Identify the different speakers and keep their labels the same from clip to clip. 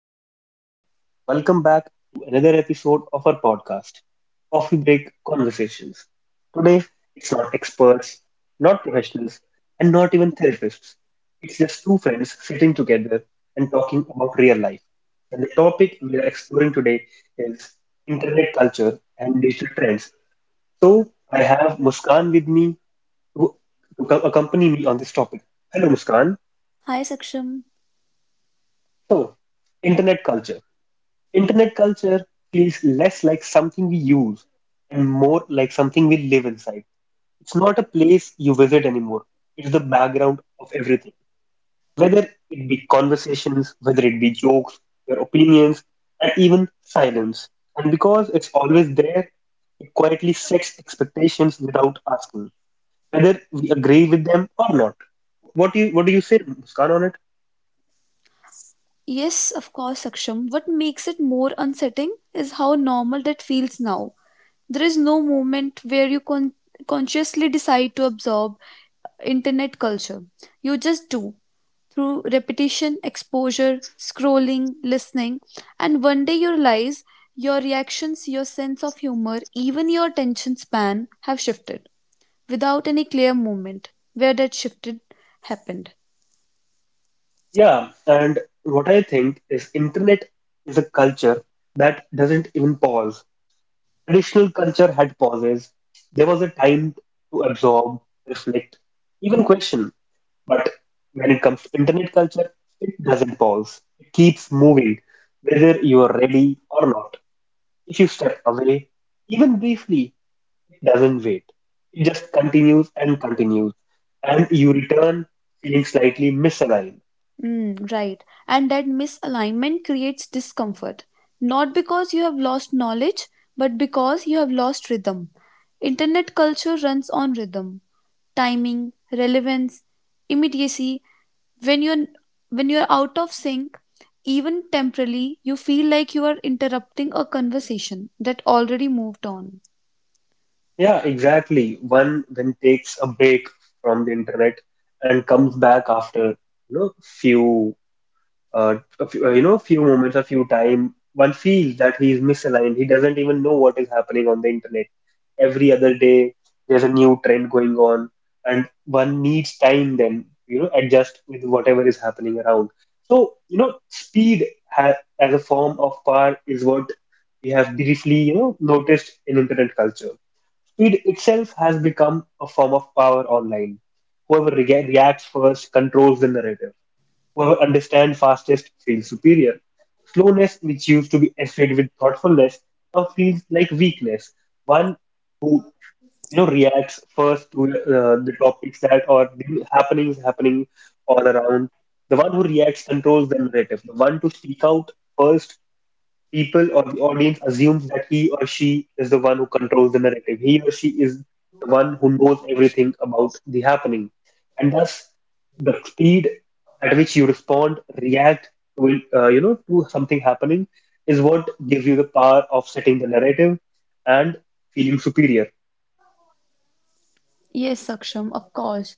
Speaker 1: Hello, everyone. Welcome back to another episode of our podcast, Coffee Break Conversations. Today, it's not experts, not professionals, and not even therapists. It's just two friends sitting together and talking about real life. And the topic we are exploring today is internet culture and digital trends. So, I have Muskan with me to, to accompany me on this topic. Hello, Muskan.
Speaker 2: Hi Saksham.
Speaker 1: So, internet culture. Internet culture feels less like something we use and more like something we live inside. It's not a place you visit anymore. It's the background of everything. Whether it be conversations, whether it be jokes, your opinions, and even silence. And because it's always there, it quietly sets expectations without asking, whether we agree with them or not. What do you say, Muskan, on it?
Speaker 2: Yes, of course, Saksham. What makes it more unsettling is how normal that feels now. There is no moment where you consciously decide to absorb internet culture. You just do through repetition, exposure, scrolling, listening, and one day you realize your reactions, your sense of humor, even your attention span have shifted without any clear moment where that shifted happened.
Speaker 1: Yeah, and what I think is internet is a culture that doesn't even pause. Traditional culture had pauses. There was a time to absorb, reflect, even question. But when it comes to internet culture, it doesn't pause. It keeps moving, whether you are ready or not. If you step away, even briefly, it doesn't wait. It just continues and continues, and you return feeling slightly misaligned.
Speaker 2: Mm, right. And that misalignment creates discomfort, not because you have lost knowledge, but because you have lost rhythm. Internet culture runs on rhythm, timing, relevance, immediacy. When you're when you're out of sync, even temporarily, you feel like you are interrupting a conversation that already moved on.
Speaker 1: Yeah, exactly. One then takes a break from the internet and comes back after, you know, few, a few, few moments, a few time. One feels that he is misaligned. He doesn't even know what is happening on the internet. Every other day, there's a new trend going on, and one needs time then, you know, adjust with whatever is happening around. So, you know, speed ha as a form of power is what we have briefly, you know, noticed in internet culture. Speed itself has become a form of power online. Reacts first controls the narrative. Whoever understands fastest feels superior. Slowness, which used to be associated with thoughtfulness, now feels like weakness. One, you know, reacts first to the topics that or the happenings happening all around. The one who reacts controls the narrative. The one to speak out first, people or the audience assumes that he or she is the one who controls the narrative. He or she is the one who knows everything about the happening. And thus, the speed at which you respond, react to, it, you know, to something happening is what gives you the power of setting the narrative and feeling superior.
Speaker 2: Yes, Saksham, of course.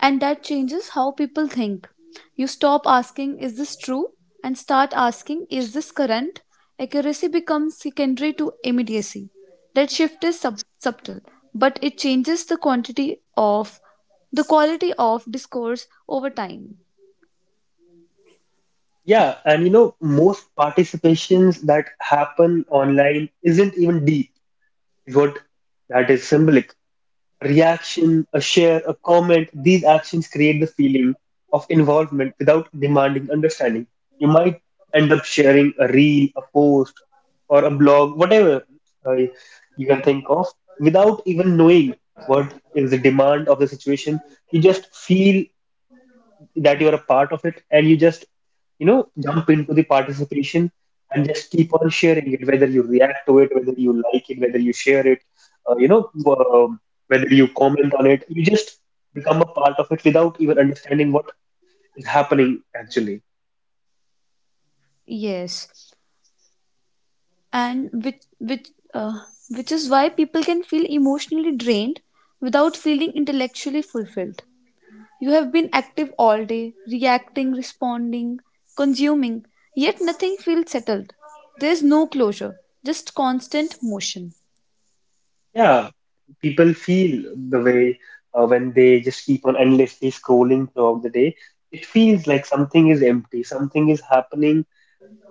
Speaker 2: And that changes how people think. You stop asking, is this true? And start asking, is this current? Accuracy becomes secondary to immediacy. That shift is subtle, but it changes the quantity of the quality of discourse over time.
Speaker 1: Yeah, and you know, most participations that happen online isn't even deep, is what that is symbolic. Reaction, a share, a comment, these actions create the feeling of involvement without demanding understanding. You might end up sharing a reel, a post, or a blog, whatever you can think of, without even knowing what is the demand of the situation. You just feel that you're a part of it and you just, you know, jump into the participation and just keep on sharing it, whether you react to it, whether you like it, whether you share it, uh, you know um, whether you comment on it, you just become a part of it without even understanding what is happening actually.
Speaker 2: Yes, and uh, which is why people can feel emotionally drained without feeling intellectually fulfilled. You have been active all day, reacting, responding, consuming, yet nothing feels settled. There is no closure, just constant motion.
Speaker 1: Yeah, people feel the way, when they just keep on endlessly scrolling throughout the day, it feels like something is empty, something is happening,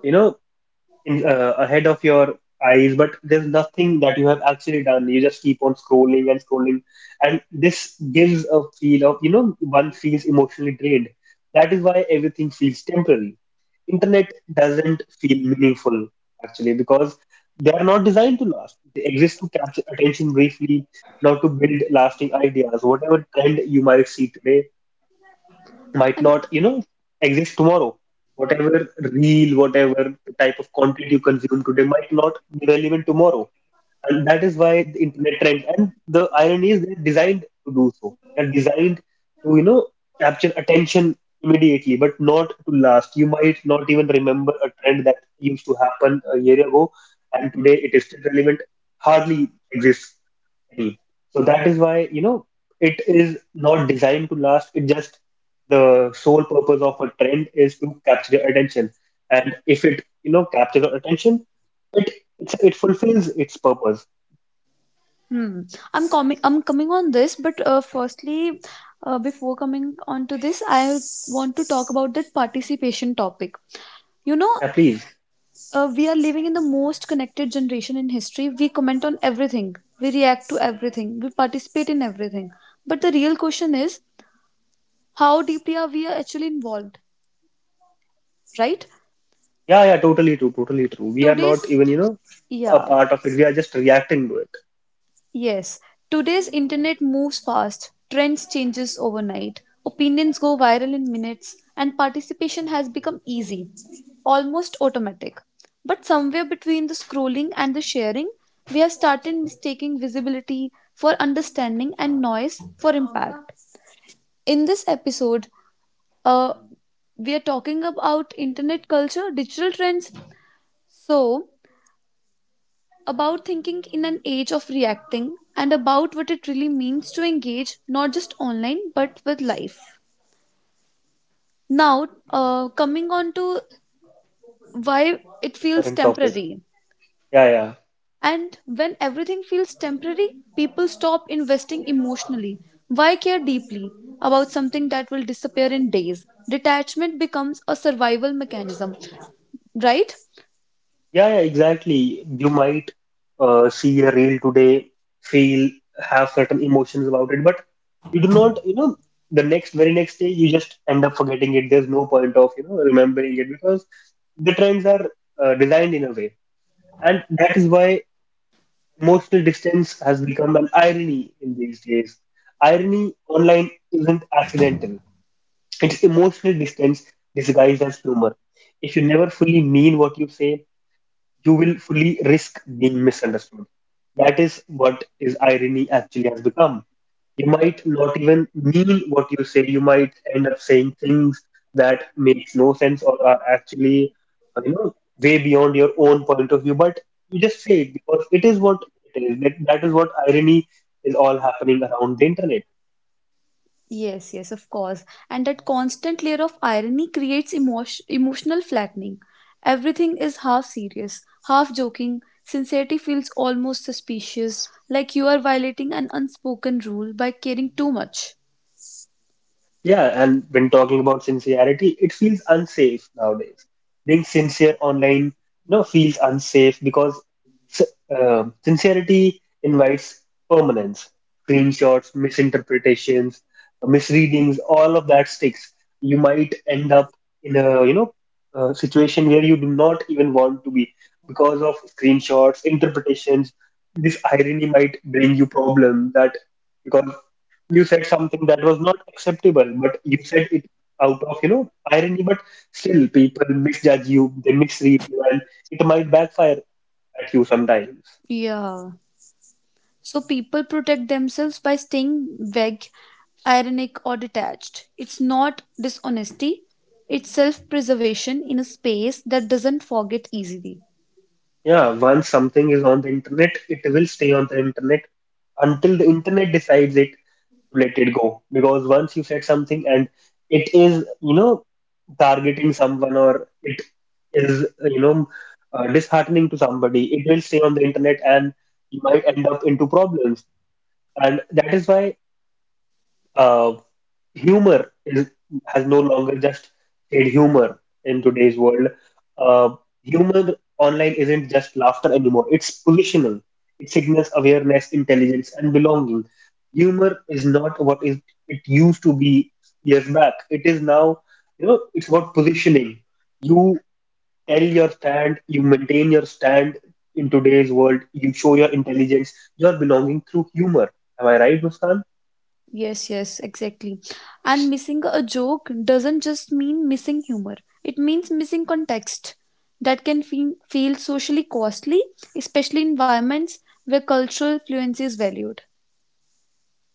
Speaker 1: you know, in ahead of your eyes, but there's nothing that you have actually done. You just keep on scrolling and scrolling, and this gives a feel of, you know, one feels emotionally drained. That is why everything feels temporary. Internet doesn't feel meaningful actually, because they are not designed to last. They exist to capture attention briefly, not to build lasting ideas. Whatever trend you might see today might
Speaker 2: And
Speaker 1: not, you know, exist tomorrow. Whatever reel, whatever type of content you consume today might not be relevant tomorrow. And that is why the internet trends and the irony is they're designed to do so. They're designed to, you know, capture attention immediately, but not to last. You might not even remember a trend that used to happen a year ago and today it is still relevant, hardly exists be. So that is why, you know, it is not designed to last. It just the sole purpose of a trend is to capture your attention. And if it, you know, captures your attention, it it fulfills its purpose.
Speaker 2: hmm, I'm coming on this, but firstly, before coming on to this, I want to talk about that participation topic. You know,
Speaker 1: Yeah, please.
Speaker 2: we are living in the most connected generation in history. We comment on everything, we react to everything, we participate in everything. But the real question is how deeply are we actually involved, right?
Speaker 1: Yeah, yeah, totally true, totally true. We are not
Speaker 2: today's
Speaker 1: even, you know, a
Speaker 2: yeah
Speaker 1: part of it. We are just reacting to it.
Speaker 2: yes today's internet moves fast, trends changes overnight, opinions go viral in minutes, and participation has become easy, almost automatic, but somewhere between the scrolling and the sharing we have started mistaking visibility for understanding and noise for impact. In this episode, uh, we are talking about internet culture, digital trends, so about thinking in an age of reacting and about what it really means to engage not just online but with life. Now, coming on to why it feels
Speaker 1: Current topic.
Speaker 2: temporary.
Speaker 1: Yeah, yeah.
Speaker 2: And when everything feels temporary, people stop investing emotionally. Why care deeply about something that will disappear in days? Detachment becomes a survival mechanism, right?
Speaker 1: Yeah, yeah, exactly. You might see a reel today, feel, have certain emotions about it, but you do not, you know, the next, very next day, you just end up forgetting it. There's no point of, you know, remembering it because the trends are designed in a way. And that is why emotional distance has become an irony in these days. Irony online isn't accidental, it's emotional distance disguised as humor. If you never fully mean what you say, you will fully risk being misunderstood. That is what is irony actually has become. You might not even mean what you say. You might end up saying things that makes no sense or are actually, uh, you know, way beyond your own point of view. But you just say it because it is what it is. That is what irony is all happening around the internet.
Speaker 2: Yes, yes, of course. And that constant layer of irony creates emotional flattening. Everything is half serious, half joking. Sincerity feels almost suspicious, like you are violating an unspoken rule by caring too much.
Speaker 1: Yeah, and when talking about sincerity, it feels unsafe nowadays. Being sincere online, you know, feels unsafe because sincerity invites permanence, screenshots, misinterpretations, misreadings, all of that sticks. You might end up in a, you know, a situation where you do not even want to be because of screenshots, interpretations. This irony might bring you problem that because you said something that was not acceptable, but you said it out of, you know, irony, but still people misjudge you, they misread you, and it might backfire at you sometimes.
Speaker 2: Yeah. So people protect themselves by staying vague, ironic, or detached. It's not dishonesty, it's self preservation in a space that doesn't forget easily.
Speaker 1: Yeah, once something is on the internet, it will stay on the internet until the internet decides it to let it go. Because once you said something and it is, you know, targeting someone or it is, you know, disheartening to somebody, it will stay on the internet and you might end up into problems. And that is why uh, humor is, has no longer just said humor in today's world. Uh, Humor online isn't just laughter anymore, it's positional. It signals awareness, intelligence, and belonging. Humor is not what is it used to be years back. It is now, you know, it's about positioning. You tell your stand, you maintain your stand in today's world, you show your intelligence, your belonging through humor. Am I right, Muskan?
Speaker 2: Yes, yes, exactly. And missing a joke doesn't just mean missing humor, it means missing context. That can feel socially costly, especially in environments where cultural fluency is valued.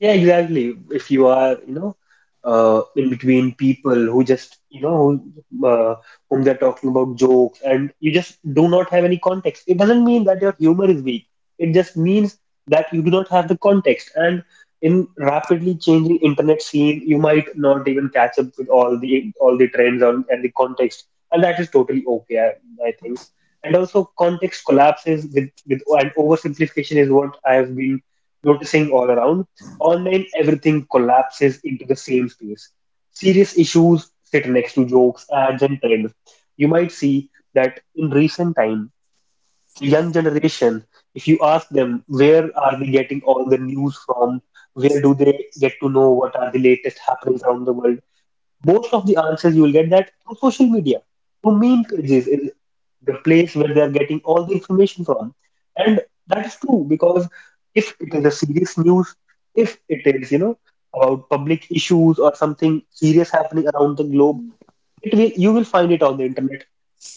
Speaker 1: Yeah, exactly. If you are, you know, in between people who just, you know, whom they're talking about jokes and you just do not have any context, it doesn't mean that your humor is weak. It just means that you do not have the context. And in rapidly changing internet scene, you might not even catch up with all the trends on and the context, and that is totally okay, I think. And also, context collapses with and oversimplification is what I have been noticing all around. Online, everything collapses into the same space. Serious issues sit next to jokes, ads, and trends. You might see that in recent time, the young generation, if you ask them where are they getting all the news from, where do they get to know what are the latest happenings around the world, most of the answers you will get that through social media, through meme pages is the place where they are getting all the information from. And that is true because if it is a serious news, if it is, you know, about public issues or something serious happening around the globe, it will you will find it on the internet.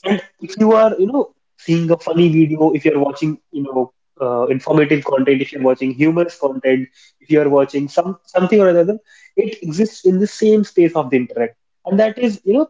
Speaker 1: And if you are, you know, seeing a funny video, if you're watching, you know, informative content, if you're watching humorous content, if you are watching something or another, it exists in the same space of the internet, and that is, you know,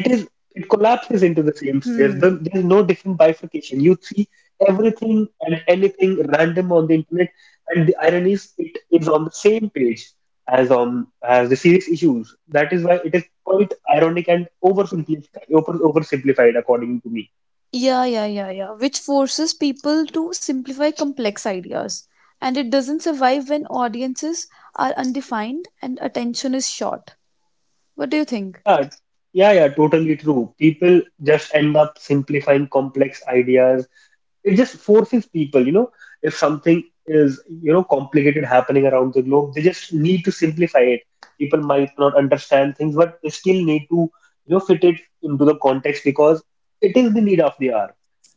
Speaker 1: it is it collapses into the same sphere.
Speaker 2: Hmm.
Speaker 1: There's no different bifurcation. You see everything and anything random on the internet, and the irony is it is on the same page as on as the serious issues. That is why it is quite ironic and oversimplified. Oversimplified, according to me.
Speaker 2: Yeah, yeah, yeah, yeah. Which forces people to simplify complex ideas. And it doesn't survive when audiences are undefined and attention is short. What do you think?
Speaker 1: Yeah, yeah, totally true. People just end up simplifying complex ideas. It just forces people. If something is, complicated happening around the globe, they just need to simplify it. People might not understand things, but they still need to, fit it into the context because it is the need of the hour.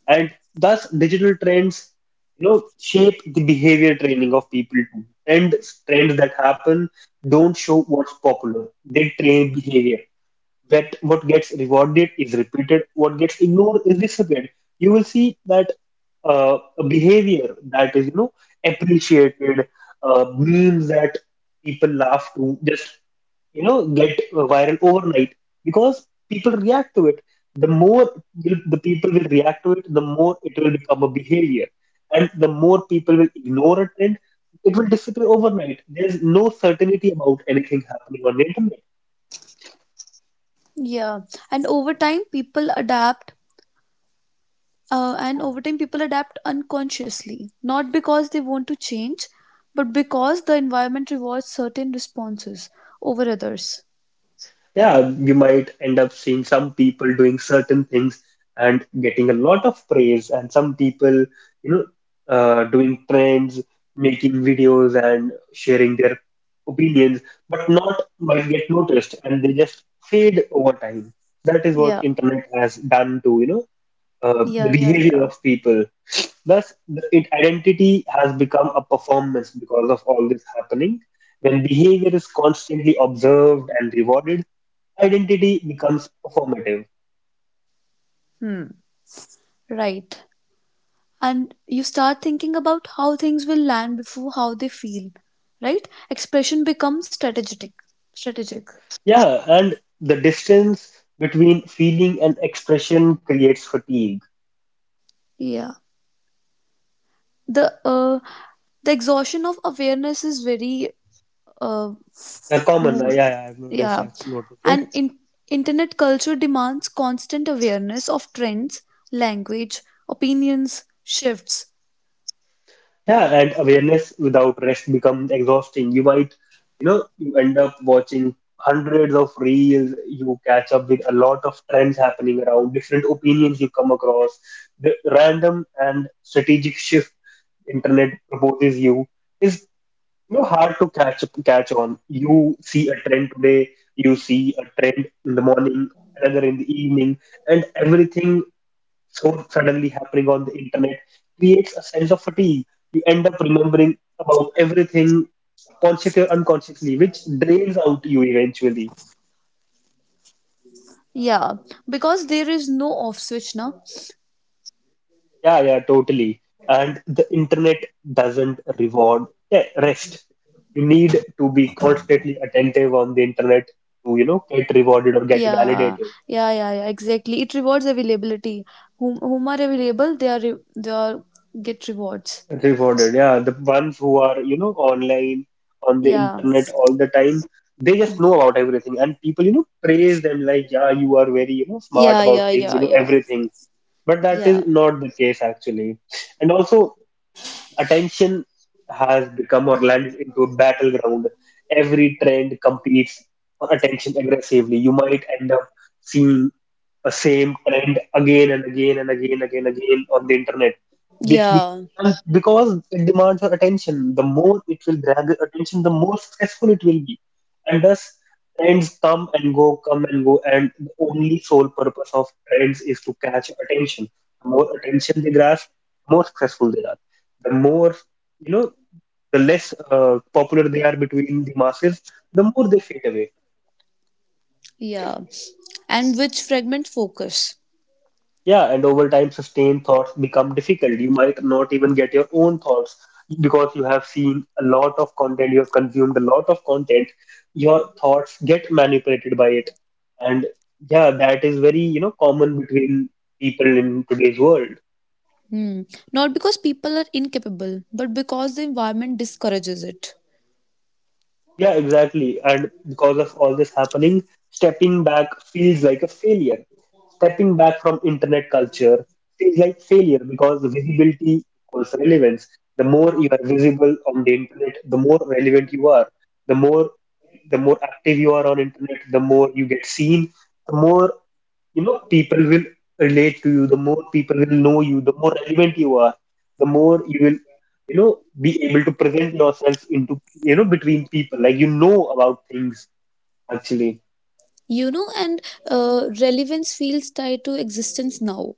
Speaker 1: And thus digital trends, shape the behavior training of people too. And trends that happen don't show what's popular, they train behavior, that what gets rewarded is repeated, what gets ignored is disappeared. You will see that a behavior that is, appreciated, memes that people laugh to just, get viral overnight because people react to it. The more will, the people will react to it, the more it will become a behavior, and the more people will ignore a trend, it will disappear overnight. There's no certainty about anything happening on the internet.
Speaker 2: Yeah. And over time, people adapt, and over time, people adapt unconsciously, not because they want to change, but because the environment rewards certain responses over others.
Speaker 1: Yeah, you might end up seeing some people doing certain things and getting a lot of praise, and some people, you know, doing trends, making videos, and sharing their opinions, but not might get noticed, and they just fade over time. That is what
Speaker 2: Yeah,
Speaker 1: internet has done to,
Speaker 2: yeah,
Speaker 1: the
Speaker 2: yeah,
Speaker 1: behavior
Speaker 2: yeah.
Speaker 1: of people. Thus, it identity has become a performance because of all this happening. When behavior is constantly observed and rewarded, identity becomes performative.
Speaker 2: Hmm, right. And you start thinking about how things will land before how they feel, right? Expression becomes strategic. Strategic.
Speaker 1: Yeah, and the distance between feeling and expression creates fatigue.
Speaker 2: Yeah. The uh, the exhaustion of awareness is very uh,
Speaker 1: A common,
Speaker 2: more,
Speaker 1: yeah, yeah,
Speaker 2: yeah,
Speaker 1: I've noticed it.
Speaker 2: and in, internet culture demands constant awareness of trends, language, opinions shifts,
Speaker 1: Yeah, and awareness without rest becomes exhausting. You might, you end up watching hundreds of reels, you catch up with a lot of trends happening around, different opinions you come across, the random and strategic shift internet proposes you is, hard to catch on. You see a trend today, you see a trend in the morning, another in the evening, and everything so suddenly happening on the internet creates a sense of fatigue. You end up remembering about everything consciously or unconsciously, which drains out you eventually.
Speaker 2: yeah, because there is no off switch now.
Speaker 1: Yeah, yeah, totally. And the internet doesn't reward, yeah, rest. You need to be constantly attentive on the internet to, get rewarded or get
Speaker 2: Yeah,
Speaker 1: validated.
Speaker 2: yeah, yeah, yeah, exactly, it rewards availability. Whom, whom are available, they are they are get rewards.
Speaker 1: Rewarded, yeah. The ones who are, online, on the
Speaker 2: Yeah,
Speaker 1: internet all the time, they just know about everything. And people, praise them like, yeah, you are very, smart
Speaker 2: yeah,
Speaker 1: about
Speaker 2: yeah,
Speaker 1: things, you
Speaker 2: yeah,
Speaker 1: know
Speaker 2: yeah,
Speaker 1: everything. But that
Speaker 2: yeah,
Speaker 1: is not the case actually. And also, attention has become or landed into a battleground. Every trend competes for attention aggressively. You might end up seeing a same trend again and again on the internet, which
Speaker 2: yeah,
Speaker 1: becomes because it demands your attention. The more it will grab your attention, the more successful it will be, and thus trends come and go, and the only sole purpose of trends is to catch your attention. The more attention they grasp, the more successful they are, the more, you know the less popular they are between the masses, the more they fade away.
Speaker 2: yeah. And which fragment focus.
Speaker 1: Yeah, and over time sustained thoughts become difficult. You might not even get your own thoughts because you have seen a lot of content, you have consumed a lot of content, your thoughts get manipulated by it. And yeah, that is very, common between people in today's world.
Speaker 2: Hmm. Not because people are incapable, but because the environment discourages it.
Speaker 1: Yeah, exactly. And because of all this happening, stepping back feels like a failure. Stepping back from internet culture feels like failure because visibility equals relevance. The more you are visible on the internet, the more relevant you are. The more the more active you are on internet, the more you get seen, the more, people will relate to you, the more people will know you, the more relevant you are, the more you will, you know be able to present yourself into, between people like you know about things, actually.
Speaker 2: You know, and relevance feels tied to existence now.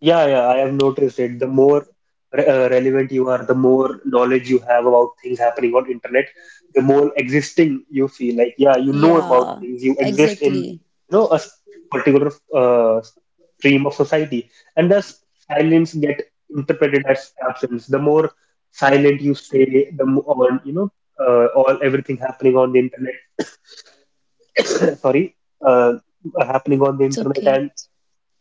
Speaker 1: Yeah, yeah, I have noticed it. The more re relevant you are, the more knowledge you have about things happening on internet, the more existing you feel. Like, yeah, you know about
Speaker 2: Yeah,
Speaker 1: things. You exist in,
Speaker 2: exactly.
Speaker 1: a particular stream of society, and thus silence get interpreted as absence. The more silent you stay, the more you know, all everything happening on the internet. Sorry, uh, happening on the
Speaker 2: It's okay.
Speaker 1: internet,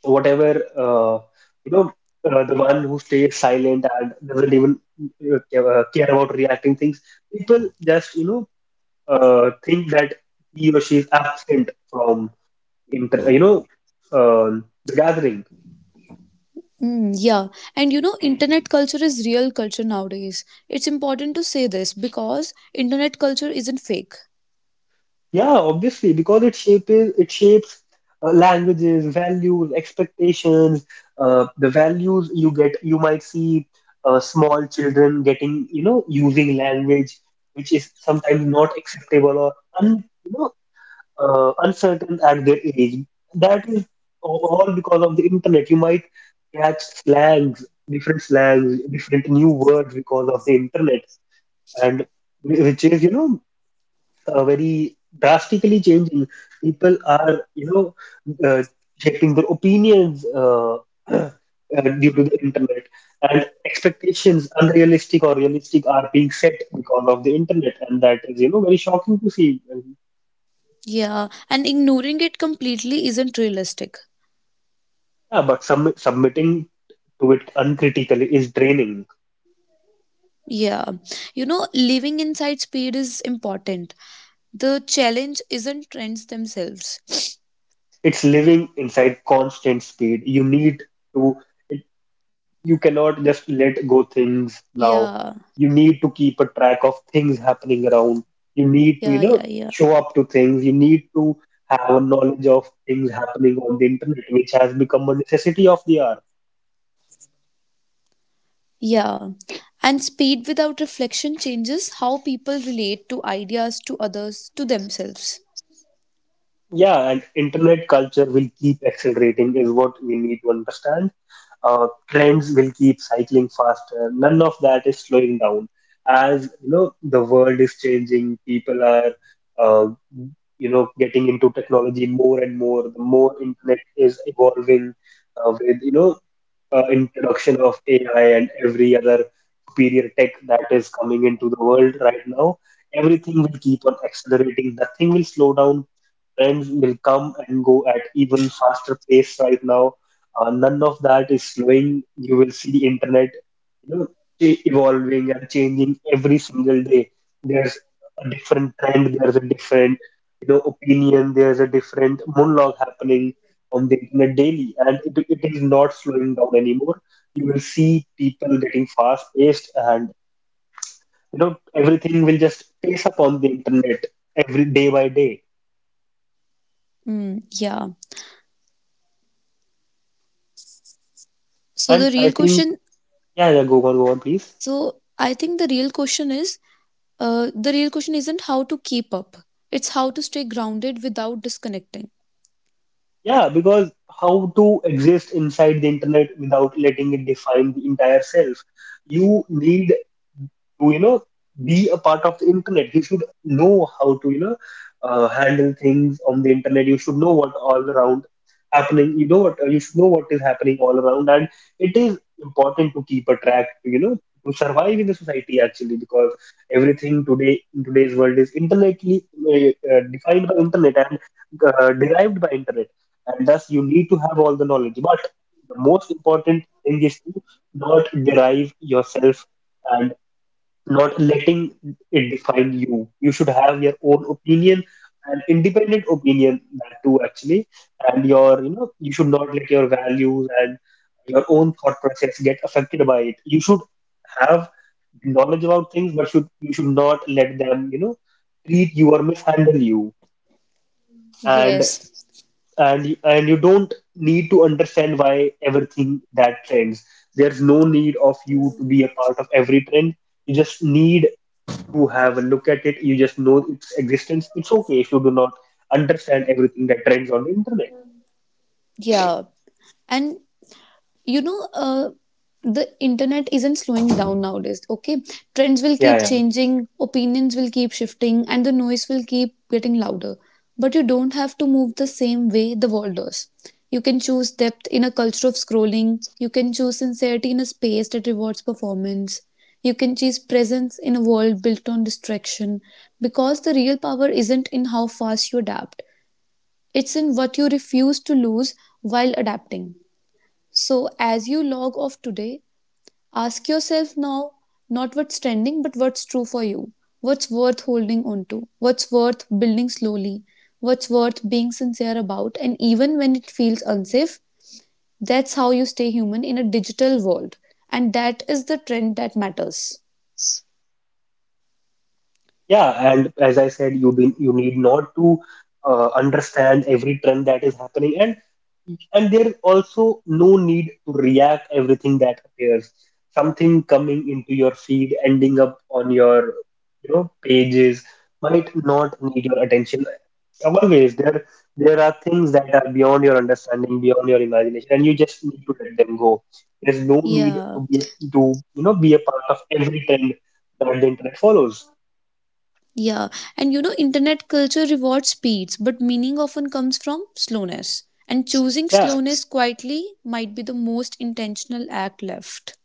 Speaker 1: whatever, you know the one who stays silent and doesn't even care about reacting things, people just, think that he or she is absent from inter you know um the gathering.
Speaker 2: Mm, yeah, and you know, internet culture is real culture nowadays. It's important to say this because internet culture isn't fake.
Speaker 1: Yeah, obviously, because it shapes languages, values, expectations, the values you get. You might see small children getting, using language which is sometimes not acceptable or un, you know, uncertain at their age. That is all because of the internet. You might catch slangs, different new words because of the internet, and which is, very drastically changing. People are, uh, shaping their opinions, due to the internet, and expectations, unrealistic or realistic, are being set because of the internet, and that is, very shocking to see. And
Speaker 2: Yeah, and ignoring it completely isn't realistic.
Speaker 1: yeah, but submitting to it uncritically is draining.
Speaker 2: Yeah, you know, living inside speed is important. The challenge isn't trends themselves.
Speaker 1: It's living inside constant speed. You need to. You cannot just let go things now.
Speaker 2: Yeah,
Speaker 1: You need to keep a track of things happening around. You need to,
Speaker 2: yeah, yeah, yeah.
Speaker 1: show up to things. You need to have a knowledge of things happening on the internet, which has become a necessity of the hour.
Speaker 2: Yeah. And speed without reflection changes how people relate to ideas, to others, to themselves.
Speaker 1: Yeah, and internet culture will keep accelerating, is what we need to understand. Trends will keep cycling faster. None of that is slowing down. As you know, the world is changing. People are, uh, getting into technology more and more. The more internet is evolving, with, introduction of AI and every other superior tech that is coming into the world right now. Everything will keep on accelerating. Nothing will slow down. Trends will come and go at even faster pace right now. None of that is slowing. You will see the internet, you know, evolving and changing every single day. There's a different trend. There's a different, opinion. There's a different monologue happening on the internet daily, and it is not slowing down anymore. You will see people getting fast-paced, and, everything will just pace up on the internet every day by day.
Speaker 2: Mm, yeah. So
Speaker 1: And
Speaker 2: the
Speaker 1: I
Speaker 2: real
Speaker 1: think.
Speaker 2: question,
Speaker 1: Yeah, yeah, go on, go on, please.
Speaker 2: so I think the real question is, the real question isn't how to keep up. It's how to stay grounded without disconnecting.
Speaker 1: Yeah, because how to exist inside the internet without letting it define the entire self? You need to, be a part of the internet. You should know how to, handle things on the internet. You should know what all around happening. You know what, you should know what is happening all around, and it is important to keep a track. To, to survive in the society actually, because everything today in today's world is internetly, defined by internet and derived by internet, and thus you need to have all the knowledge. But the most important thing is to not derive yourself, and not letting it define you. You should have your own opinion, an independent opinion, that too actually. And your, you should not let your values and your own thought process get affected by it. You should have knowledge about things, but should you should not let them, treat you or mishandle you. And
Speaker 2: Yes.
Speaker 1: and you don't need to understand why everything that trends. There's no need of you to be a part of every trend. You just need to have a look at it, you just know its existence. It's okay if you do not understand everything that trends on the internet.
Speaker 2: Yeah. And you know, the internet isn't slowing down nowadays, okay, trends will
Speaker 1: Yeah,
Speaker 2: keep
Speaker 1: yeah,
Speaker 2: changing, opinions will keep shifting, and the noise will keep getting louder, but you don't have to move the same way the world does. You can choose depth in a culture of scrolling, you can choose sincerity in a space that rewards performance, you can choose presence in a world built on distraction, because the real power isn't in how fast you adapt, it's in what you refuse to lose while adapting. So, as you log off today, ask yourself now, not what's trending, but what's true for you. What's worth holding on to? What's worth building slowly? What's worth being sincere about? And even when it feels unsafe, that's how you stay human in a digital world. And that is the trend that matters.
Speaker 1: yeah. And as I said, you need not to understand every trend that is happening. And and there is also no need to react everything that appears. Something coming into your feed ending up on your, pages might not need your attention. Always there, there are things that are beyond your understanding, beyond your imagination, and you just need to let them go. There's no need
Speaker 2: Yeah,
Speaker 1: to be to, be a part of every trend that the internet follows.
Speaker 2: yeah. And you know, internet culture rewards speeds, but meaning often comes from slowness. And choosing
Speaker 1: Yeah.
Speaker 2: slowness quietly might be the most intentional act left.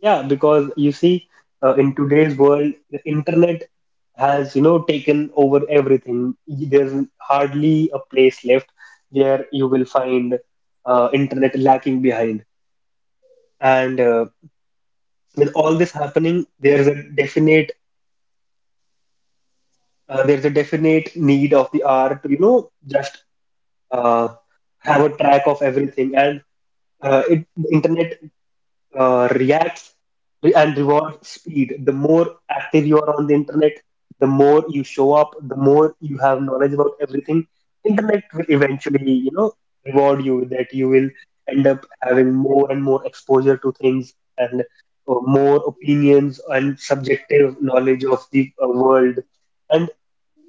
Speaker 1: Yeah, because you see, in today's world, the internet has, taken over everything. There's hardly a place left where you will find internet lacking behind. And with all this happening, there's a definite need of the hour to, just uh, have a track of everything. And the internet reacts re- and rewards speed. The more active you are on the internet, the more you show up, the more you have knowledge about everything. Internet will eventually, reward you with that. You will end up having more and more exposure to things and, more opinions and subjective knowledge of the world. And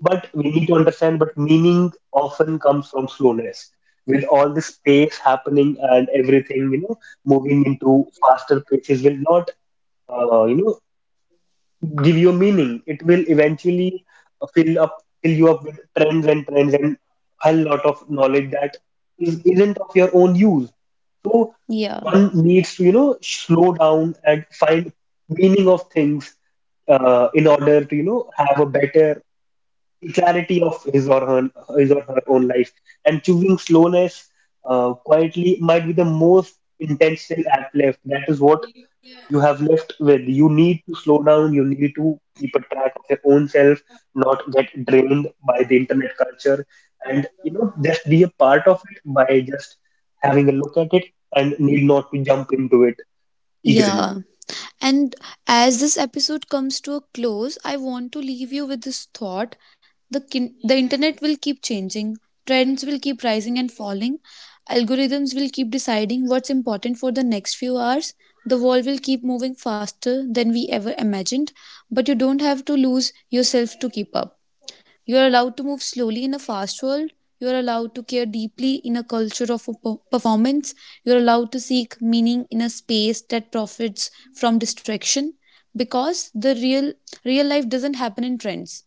Speaker 1: but we need to understand, but meaning often comes from slowness. With all this pace happening and everything, moving into faster paces will not, uh, you know, give you meaning. It will eventually uh, fill up, fill you up with trends and a lot of knowledge that isn't of your own use. So
Speaker 2: Yeah.
Speaker 1: one needs to, slow down and find meaning of things, in order to, have a better, the clarity of his or her own life. And choosing slowness, quietly might be the most intentional act left. That is what you have left with. You need to slow down, you need to keep a track of your own self, not get drained by the internet culture, and, just be a part of it by just having a look at it, and need not to jump into it eagerly.
Speaker 2: Yeah. And as this episode comes to a close, I want to leave you with this thought. The internet will keep changing, trends will keep rising and falling, algorithms will keep deciding what's important for the next few hours. The world will keep moving faster than we ever imagined, but you don't have to lose yourself to keep up. You are allowed to move slowly in a fast world. You are allowed to care deeply in a culture of performance. You are allowed to seek meaning in a space that profits from distraction, because the real life doesn't happen in trends.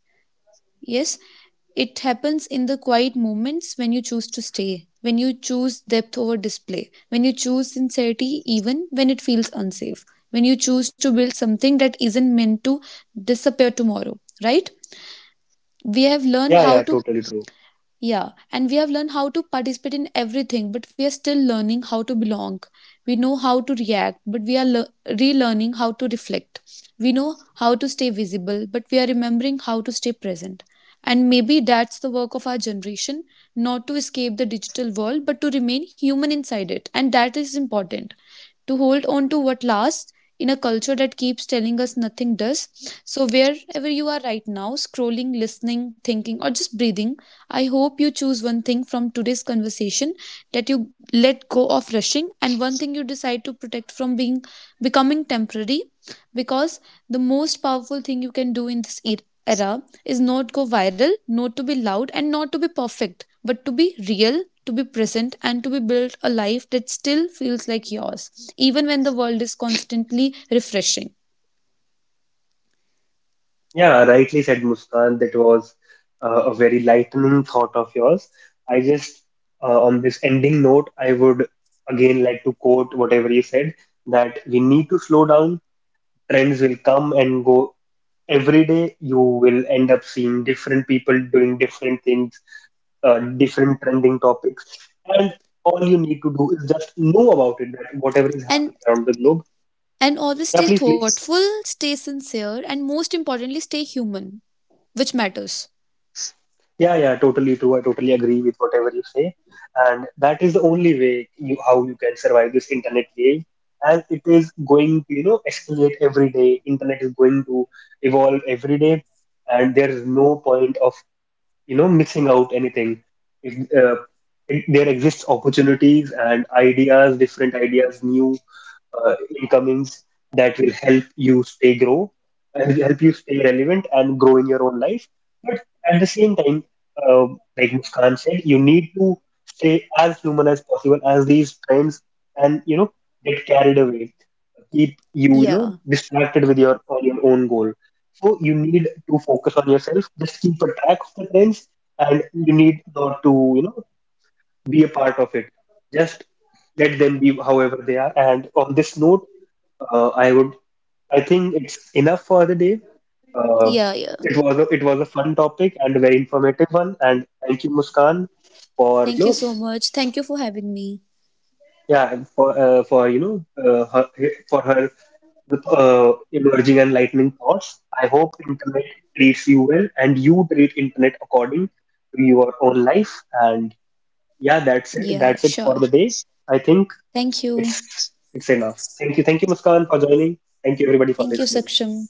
Speaker 2: Yes, it happens in the quiet moments when you choose to stay, when you choose depth over display, when you choose sincerity even when it feels unsafe, when you choose to build something that isn't meant to disappear tomorrow, right? We have learned
Speaker 1: Yeah, yeah,
Speaker 2: how to,
Speaker 1: totally true.
Speaker 2: yeah, and we have learned how to participate in everything, but we are still learning how to belong. We know how to react, but we are relearning how to reflect. We know how to stay visible, but we are remembering how to stay present. And maybe that's the work of our generation, not to escape the digital world, but to remain human inside it. And that is important, to hold on to what lasts in a culture that keeps telling us nothing does. So, wherever you are right now, scrolling, listening, thinking, or just breathing, I hope you choose one thing from today's conversation that you let go of rushing, and one thing you decide to protect from being becoming temporary. Because the most powerful thing you can do in this era is not go viral, not to be loud, and not to be perfect, but to be real, to be present, and to be built a life that still feels like yours, even when the world is constantly refreshing.
Speaker 1: Yeah, rightly said, Muskan. That was a very lightning thought of yours. I just, on this ending note, I would again like to quote whatever you said, that we need to slow down. Trends will come and go every day. You will end up seeing different people doing different things, different trending topics. And all you need to do is just know about it, that whatever is happening
Speaker 2: And
Speaker 1: around the globe.
Speaker 2: and always
Speaker 1: Yeah,
Speaker 2: stay
Speaker 1: please, please.
Speaker 2: thoughtful, stay sincere, and most importantly, stay human, which matters.
Speaker 1: Yeah, yeah, totally true. I totally agree with whatever you say. And that is the only way you how you can survive this internet wave. And it is going to, escalate every day. Internet is going to evolve every day, and there is no point of, missing out anything. If, uh, there exists opportunities and ideas, different ideas, new uh, incomings that will help you stay grow and help you stay relevant and grow in your own life. But at the same time, uh, like Muskan said, you need to stay as human as possible as these trends, and, get carried away, keep you, you
Speaker 2: Yeah,
Speaker 1: know distracted with your on your own goal. So you need to focus on yourself. Just keep a track of the trends, and you need not to, be a part of it. Just let them be however they are. And on this note, uh, I would, I think it's enough for the day. Uh,
Speaker 2: yeah, yeah.
Speaker 1: it was a fun topic and a very informative one. And thank you, Muskan, for,
Speaker 2: Thank you so much. Thank you for having me.
Speaker 1: yeah, for for, for her emerging and lightning thoughts. I hope internet treats you well and you treat internet according to your own life. And yeah, that's it.
Speaker 2: Yeah,
Speaker 1: That's it for
Speaker 2: sure.
Speaker 1: the day. I think
Speaker 2: Thank you.
Speaker 1: it's enough. Thank you, Muskan, for joining. Thank you, everybody, for
Speaker 2: Thank you,
Speaker 1: listening.
Speaker 2: Saksham.